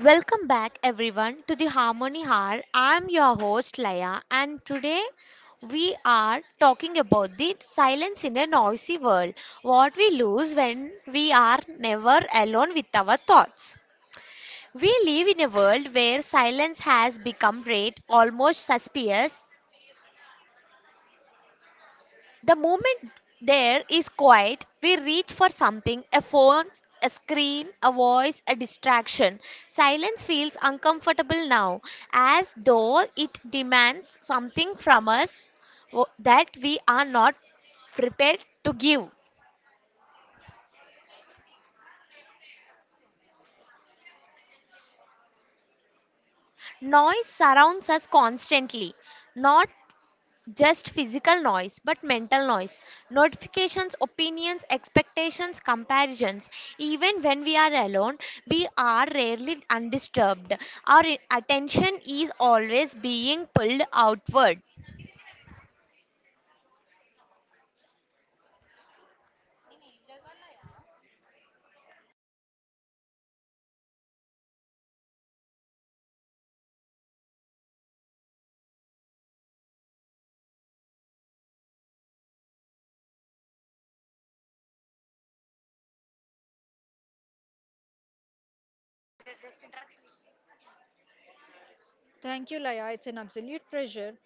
Welcome back, everyone, to the Harmony Hour. I'm your host, Laya, and today we are talking about the silence in a noisy world, what we lose when we are never alone with our thoughts. We live in a world where silence has become rare, almost suspicious. The moment there is quiet, we reach for something, a phone, a screen, a voice, a distraction. Silence feels uncomfortable now, as though it demands something from us that we are not prepared to give. Noise surrounds us constantly, not just physical noise but mental noise, notifications, opinions, expectations, comparisons. Even when we are alone, we are rarely undisturbed. Our attention is always being pulled outward. Thank you, Laya. It's an absolute pleasure.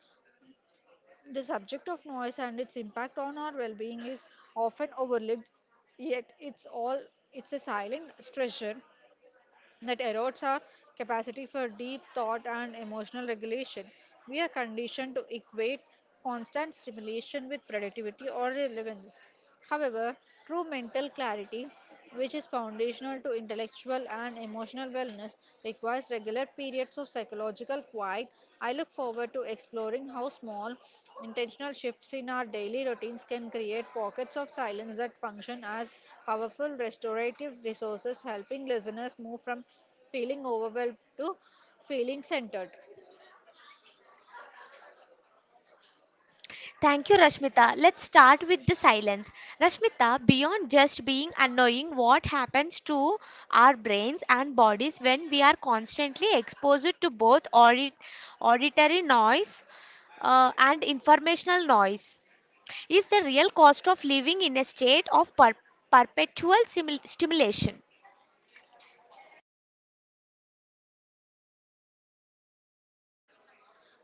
The subject of noise and its impact on our well-being is often overlooked, yet it's a silent treasure that erodes our capacity for deep thought and emotional regulation. We are conditioned to equate constant stimulation with productivity or relevance. However, true mental clarity, which is foundational to intellectual and emotional wellness, requires regular periods of psychological quiet. I look forward to exploring how small, intentional shifts in our daily routines can create pockets of silence that function as powerful restorative resources, helping listeners move from feeling overwhelmed to feeling centered. Thank you, Rashmita. Let's start with the silence. Rashmita, beyond just being annoying, what happens to our brains and bodies when we are constantly exposed to both auditory noise and informational noise? Is the real cost of living in a state of perpetual stimulation?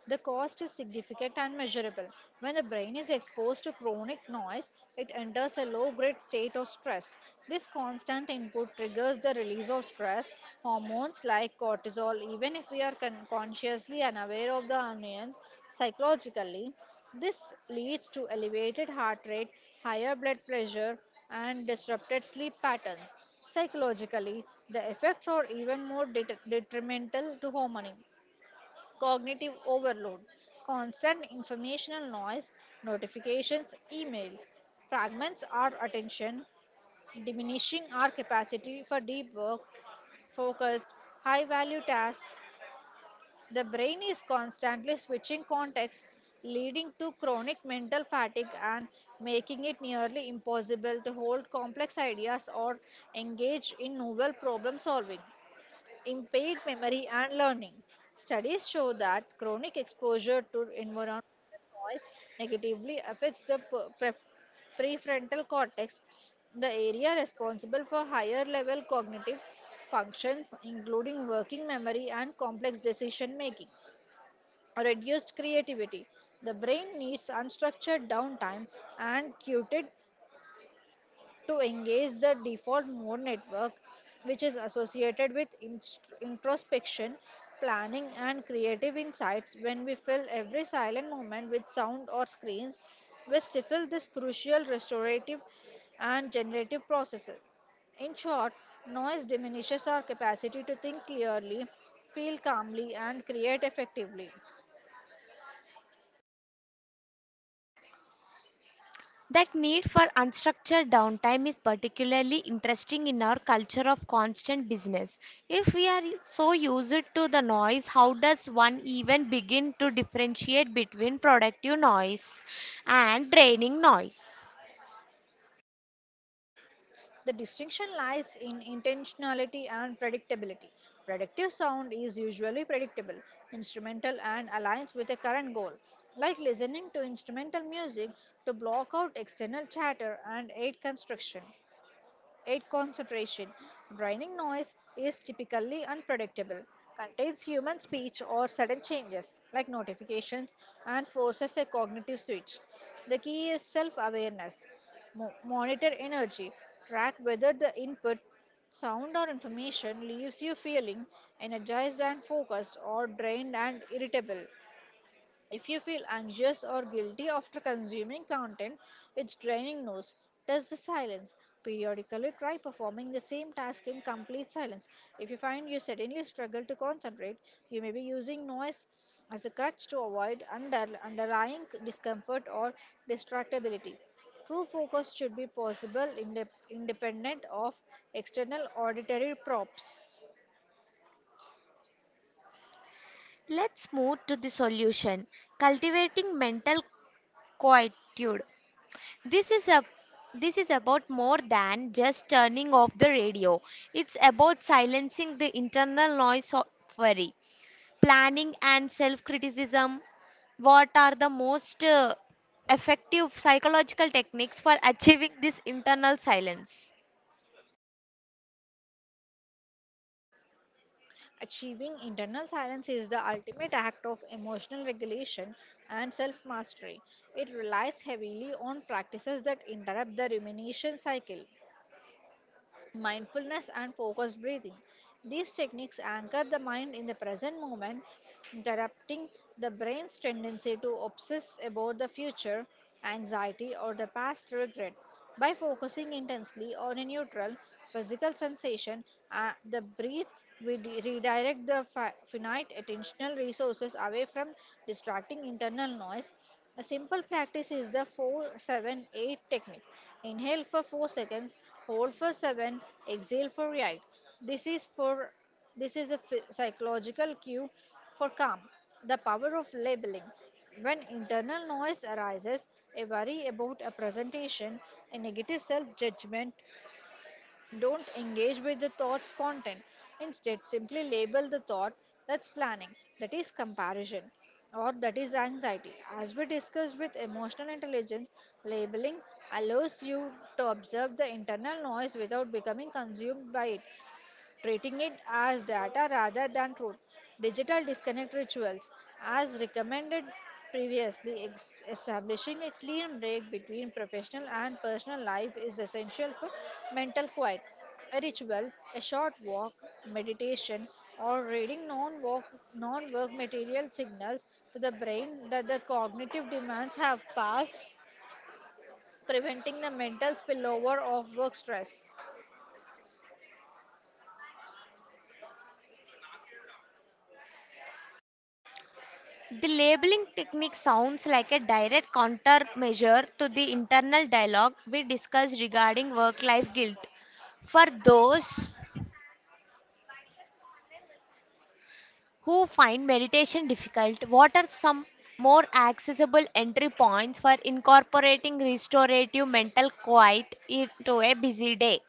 The cost is significant and measurable. When the brain is exposed to chronic noise, it enters a low grade state of stress. This constant input triggers the release of stress hormones like cortisol, even if we are consciously unaware of the annoyance psychologically. This leads to elevated heart rate, higher blood pressure, and disrupted sleep patterns. Psychologically, the effects are even more detrimental to harmony. Cognitive overload, constant informational noise, notifications, emails, fragments our attention, diminishing our capacity for deep work, focused, high value tasks. The brain is constantly switching contexts, leading to chronic mental fatigue and making it nearly impossible to hold complex ideas or engage in novel problem solving, impaired memory and learning. Studies show that chronic exposure to environmental noise negatively affects the prefrontal cortex, the area responsible for higher level cognitive functions, including working memory and complex decision making. Reduced creativity. The brain needs unstructured downtime and cuted to engage the default mode network, which is associated with introspection, planning, and creative insights. When we fill every silent moment with sound or screens, we stifle this crucial restorative and generative processes. In short, noise diminishes our capacity to think clearly, feel calmly, and create effectively. That need for unstructured downtime is particularly interesting in our culture of constant business. If we are so used to the noise, how does one even begin to differentiate between productive noise and draining noise? The distinction lies in intentionality and predictability. Predictive sound is usually predictable, instrumental, and aligns with a current goal, like listening to instrumental music to block out external chatter and aid construction. 8. Concentration. Drowning noise is typically unpredictable, contains human speech or sudden changes like notifications, and forces a cognitive switch. The key is self awareness. Monitor energy, track whether the input, sound, or information leaves you feeling energized and focused or drained and irritable. If you feel anxious or guilty after consuming content, it's draining nose. Test the silence. Periodically try performing the same task in complete silence. If you find you suddenly struggle to concentrate, you may be using noise as a crutch to avoid underlying discomfort or distractibility. True focus should be possible independent of external auditory props. Let's move to the solution, cultivating mental quietude. This is a this is about more than just turning off the radio. It's about silencing the internal noise of worry, planning, and self criticism. What are the most effective psychological techniques for achieving this internal silence? Achieving internal silence is the ultimate act of emotional regulation and self mastery. It relies heavily on practices that interrupt the rumination cycle, mindfulness, and focused breathing. These techniques anchor the mind in the present moment, interrupting the brain's tendency to obsess about the future, anxiety, or the past regret. By focusing intensely on a neutral physical sensation, the breath, we redirect the finite attentional resources away from distracting internal noise. A simple practice is the 478 technique. Inhale for 4 seconds, hold for 7, exhale for 8. This is for this is a psychological cue for calm. The power of labeling. When internal noise arises, a worry about a presentation, a negative self-judgment, don't engage with the thought's content. Instead, simply label the thought: that's planning, that is comparison, or that is anxiety. As we discussed with emotional intelligence, labeling allows you to observe the internal noise without becoming consumed by it, treating it as data rather than truth. Digital disconnect rituals, as recommended previously, establishing a clean break between professional and personal life is essential for mental quiet. A ritual, a short walk, meditation, or reading non-work material signals to the brain that the cognitive demands have passed, preventing the mental spillover of work stress. The labeling technique sounds like a direct countermeasure to the internal dialogue we discussed regarding work life guilt. For those who find meditation difficult, what are some more accessible entry points for incorporating restorative mental quiet into a busy day?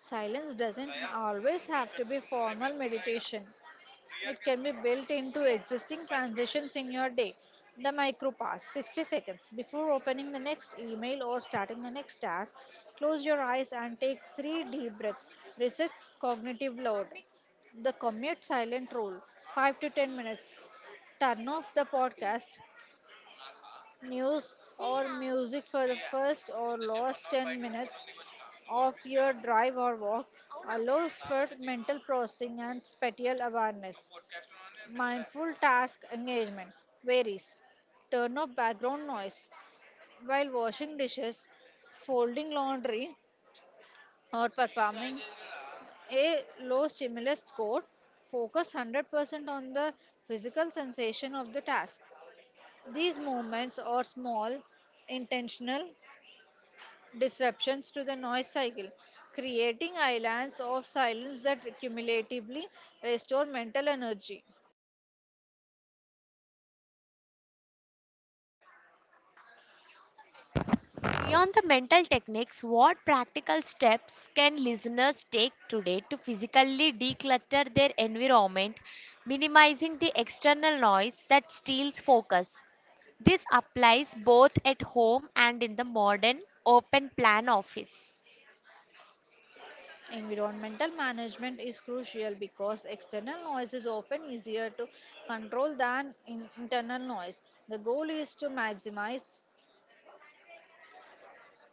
Silence doesn't always have to be formal meditation. It can be built into existing transitions in your day. The micro pause, 60 seconds. Before opening the next email or starting the next task, close your eyes and take three deep breaths. Resets cognitive load. The commute silent rule, 5 to 10 minutes. Turn off the podcast, news or music for the first or last 10 minutes of your drive or walk allows for mental processing and spatial awareness. Mindful task engagement varies. Turn off background noise while washing dishes, folding laundry, or performing a low stimulus score. Focus 100% on the physical sensation of the task. These movements are small, intentional disruptions to the noise cycle, creating islands of silence that cumulatively restore mental energy. Beyond the mental techniques, what practical steps can listeners take today to physically declutter their environment, minimizing the external noise that steals focus? This applies both at home and in the modern open plan office. Environmental management is crucial because external noise is often easier to control than internal noise. The goal is to maximize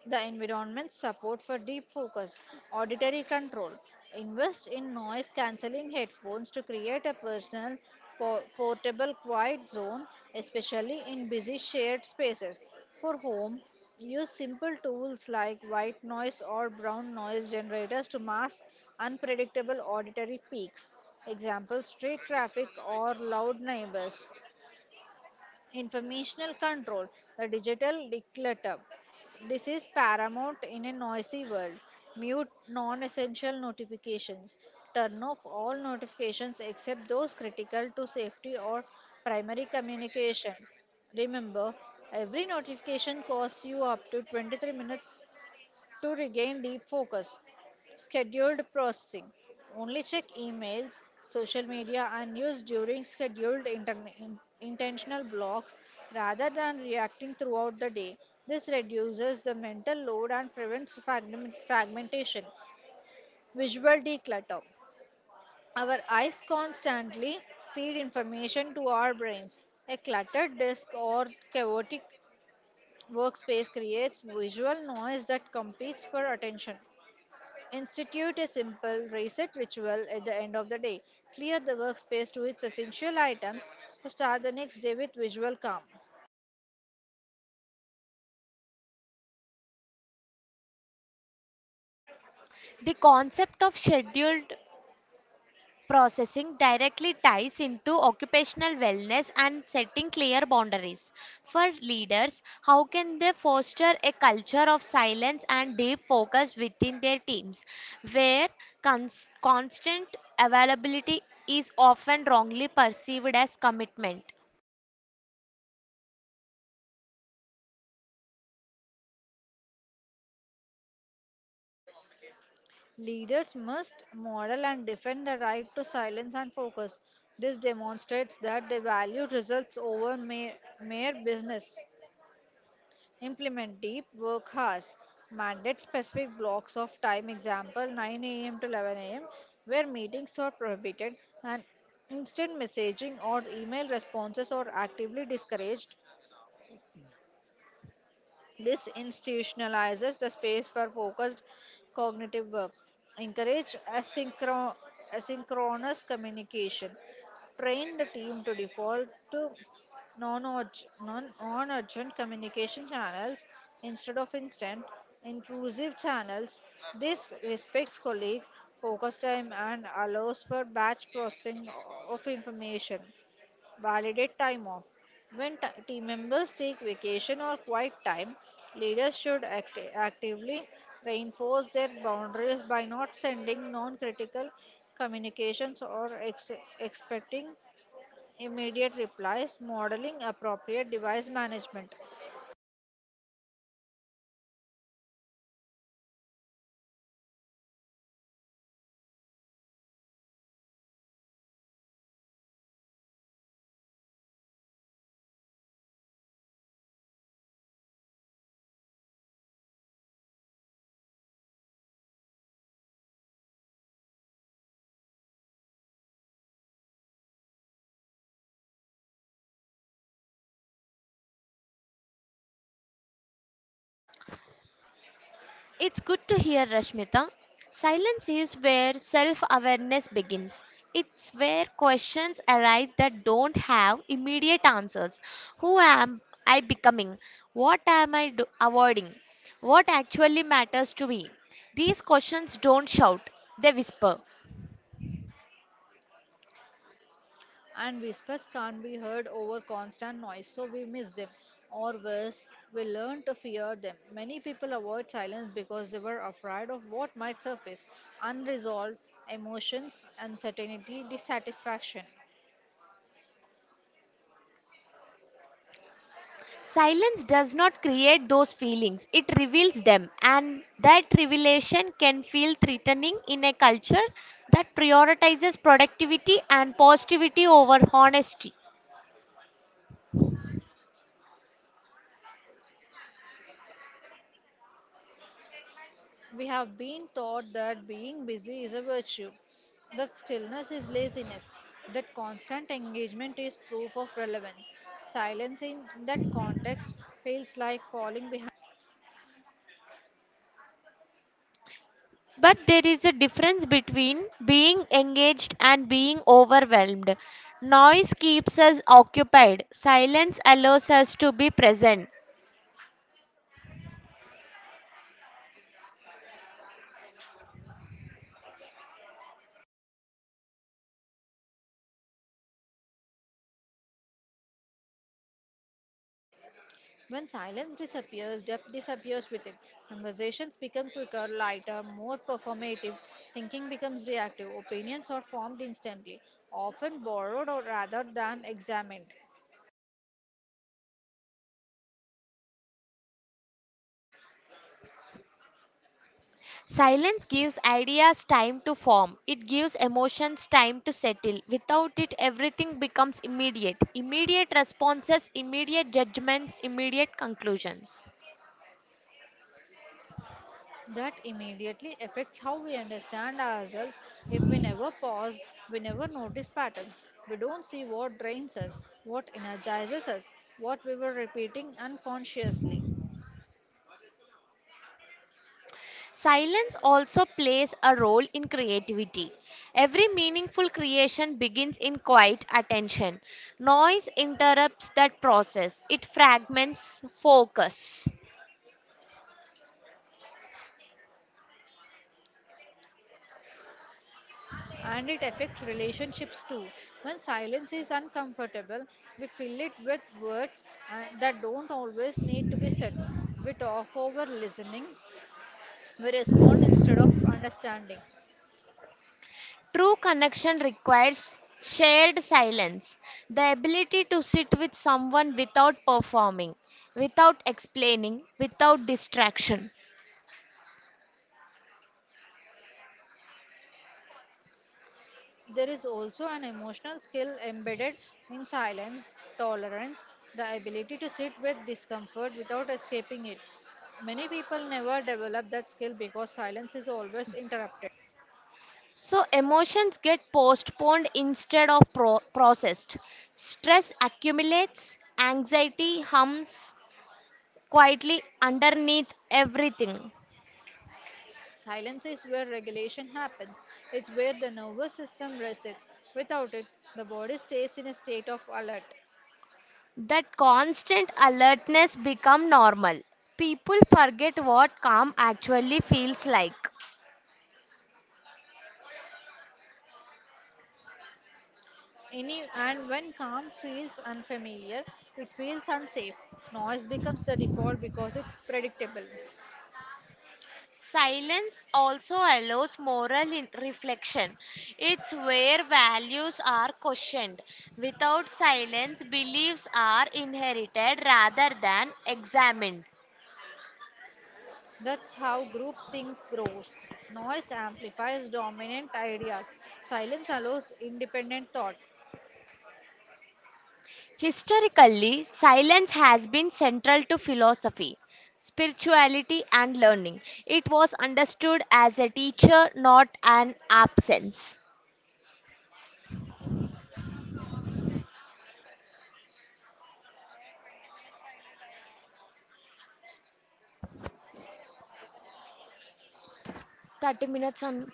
the environment support for deep focus. Auditory control. Invest in noise cancelling headphones to create a personal, portable, quiet zone, especially in busy shared spaces. For home, use simple tools like white noise or brown noise generators to mask unpredictable auditory peaks. Example: street traffic or loud neighbors. Informational control, the digital declutter. This is paramount in a noisy world. Mute non essential notifications. Turn off all notifications except those critical to safety or primary communication. Remember, every notification costs you up to 23 minutes to regain deep focus. Scheduled processing. Only check emails, social media, and news during scheduled intentional blocks rather than reacting throughout the day. This reduces the mental load and prevents fragmentation. Visual declutter. Our eyes constantly feed information to our brains. A cluttered desk or chaotic workspace creates visual noise that competes for attention. Institute a simple reset ritual at the end of the day. Clear the workspace to its essential items to start the next day with visual calm. The concept of scheduled processing directly ties into occupational wellness and setting clear boundaries. For leaders, how can they foster a culture of silence and deep focus within their teams, where constant availability is often wrongly perceived as commitment? Leaders must model and defend the right to silence and focus. This demonstrates that they value results over mere business. Implement deep work hours. Mandate specific blocks of time, example 9 a.m. to 11 a.m., where meetings are prohibited and instant messaging or email responses are actively discouraged. This institutionalizes the space for focused cognitive work. Encourage asynchronous communication. Train the team to default to non-urgent communication channels instead of instant, intrusive channels. This respects colleagues' focus time and allows for batch processing of information. Validate time off. When team members take vacation or quiet time, leaders should actively reinforce their boundaries by not sending non critical communications or expecting immediate replies, modeling, appropriate device management. It's good to hear, Rashmita. Silence is where self awareness begins. It's where questions arise that don't have immediate answers. Who am I becoming? What am avoiding? What actually matters to me? These questions don't shout, they whisper. And whispers can't be heard over constant noise, so we miss them. Or worse, we learn to fear them. Many people avoid silence because they were afraid of what might surface unresolved emotions, uncertainty, dissatisfaction. Silence does not create those feelings, it reveals them, and that revelation can feel threatening in a culture that prioritizes productivity and positivity over honesty. We have been taught that being busy is a virtue, that stillness is laziness, that constant engagement is proof of relevance. Silence in that context feels like falling behind. But there is a difference between being engaged and being overwhelmed. Noise keeps us occupied, silence allows us to be present. When silence disappears, depth disappears with it. Conversations become quicker, lighter, more performative. Thinking becomes reactive. Opinions are formed instantly, often borrowed or rather than examined. Silence gives ideas time to form. It gives emotions time to settle. Without it, everything becomes immediate. Immediate responses, immediate judgments, immediate conclusions. That immediately affects how we understand ourselves. If we never pause, we never notice patterns. We don't see what drains us, what energizes us, what we were repeating unconsciously. Silence also plays a role in creativity. Every meaningful creation begins in quiet attention. Noise interrupts that process, it fragments focus. And it affects relationships too. When silence is uncomfortable, we fill it with words that don't always need to be said. We talk over listening, we respond instead of understanding. True connection requires shared silence, the ability to sit with someone without performing, without explaining, without distraction. There is also an emotional skill embedded in silence, tolerance, the ability to sit with discomfort without escaping it. Many people never develop that skill because silence is always interrupted. So, emotions get postponed instead of processed. Stress accumulates, anxiety hums quietly underneath everything. Silence is where regulation happens. It's where the nervous system resets. Without it, the body stays in a state of alert. That constant alertness become normal. People forget what calm actually feels like. Any and when calm feels unfamiliar, it feels unsafe. Noise becomes the default because it's predictable. Silence also allows moral reflection. It's where values are questioned. Without silence, beliefs are inherited rather than examined. That's how groupthink grows. Noise amplifies dominant ideas. Silence allows independent thought. Historically, silence has been central to philosophy, spirituality, and learning. It was understood as a teacher, not an absence. 30 minutes on.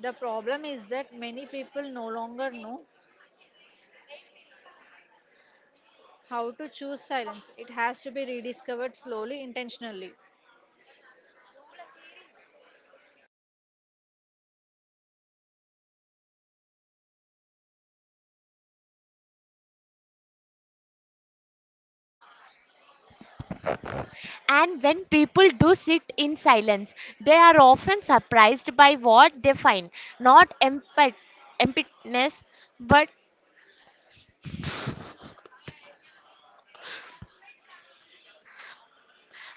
The problem is that many people no longer know how to choose silence. It has to be rediscovered slowly, intentionally. And when people do sit in silence, they are often surprised by what they find, not emptiness but,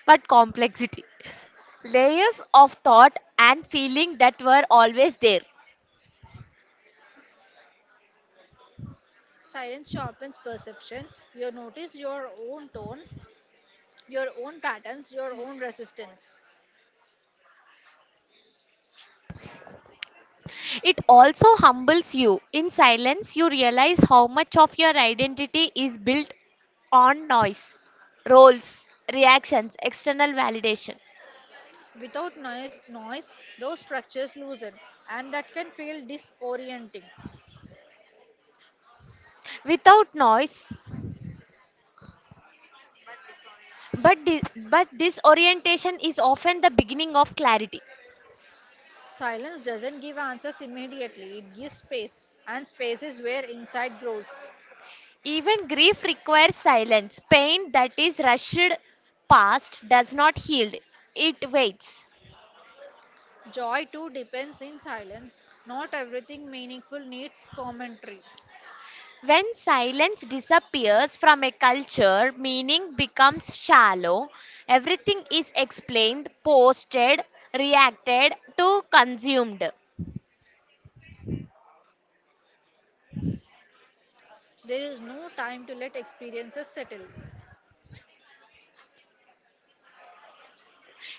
but complexity, layers of thought and feeling that were always there. Silence sharpens perception. You notice your own tone, your own patterns, your own resistance. It also humbles you. In silence, you realize how much of your identity is built on noise, roles, reactions, external validation. Without noise, those structures loosen, and that can feel disorienting. Without noise, But disorientation is often the beginning of clarity. Silence doesn't give answers immediately, it gives space, and space is where insight grows. Even grief requires silence. Pain that is rushed past does not heal, it waits. Joy too depends in silence. Not everything meaningful needs commentary. When silence disappears from a culture, meaning becomes shallow. Everything is explained, posted, reacted to, consumed. There is no time to let experiences settle.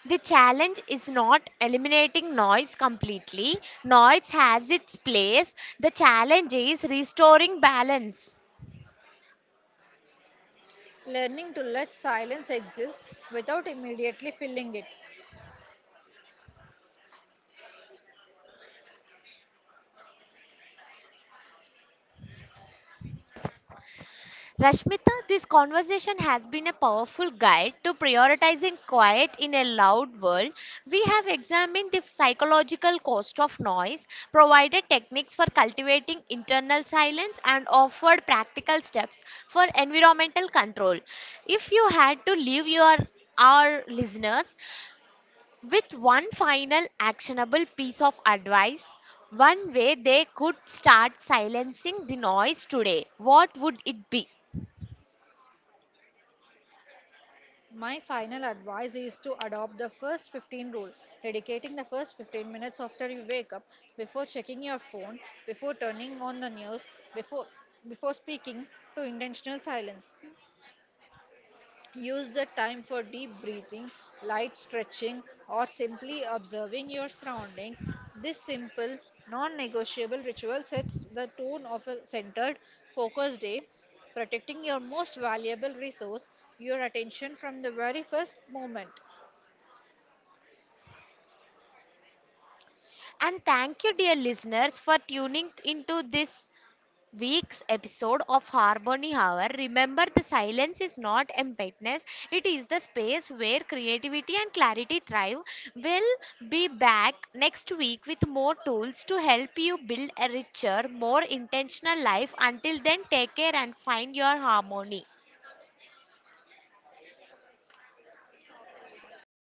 The challenge is not eliminating noise completely. Noise has its place. The challenge is restoring balance. Learning to let silence exist without immediately filling it. Rashmita, this conversation has been a powerful guide to prioritizing quiet in a loud world. We have examined the psychological cost of noise, provided techniques for cultivating internal silence, and offered practical steps for environmental control. If you had to leave your our listeners with one final actionable piece of advice, one way they could start silencing the noise today, what would it be? My final advice is to adopt the first 15 rule, dedicating the first 15 minutes after you wake up, before checking your phone, before turning on the news, before before speaking, to intentional silence. Use the time for deep breathing, light stretching, or simply observing your surroundings. This simple, non negotiable ritual sets the tone of a centered, focused day, protecting your most valuable resource, your attention, from the very first moment. And thank you, dear listeners, for tuning into this week's episode of Harmony Hour. Remember, the silence is not emptiness, it is the space where creativity and clarity thrive. We'll be back next week with more tools to help you build a richer, more intentional life. Until then, take care and find your harmony.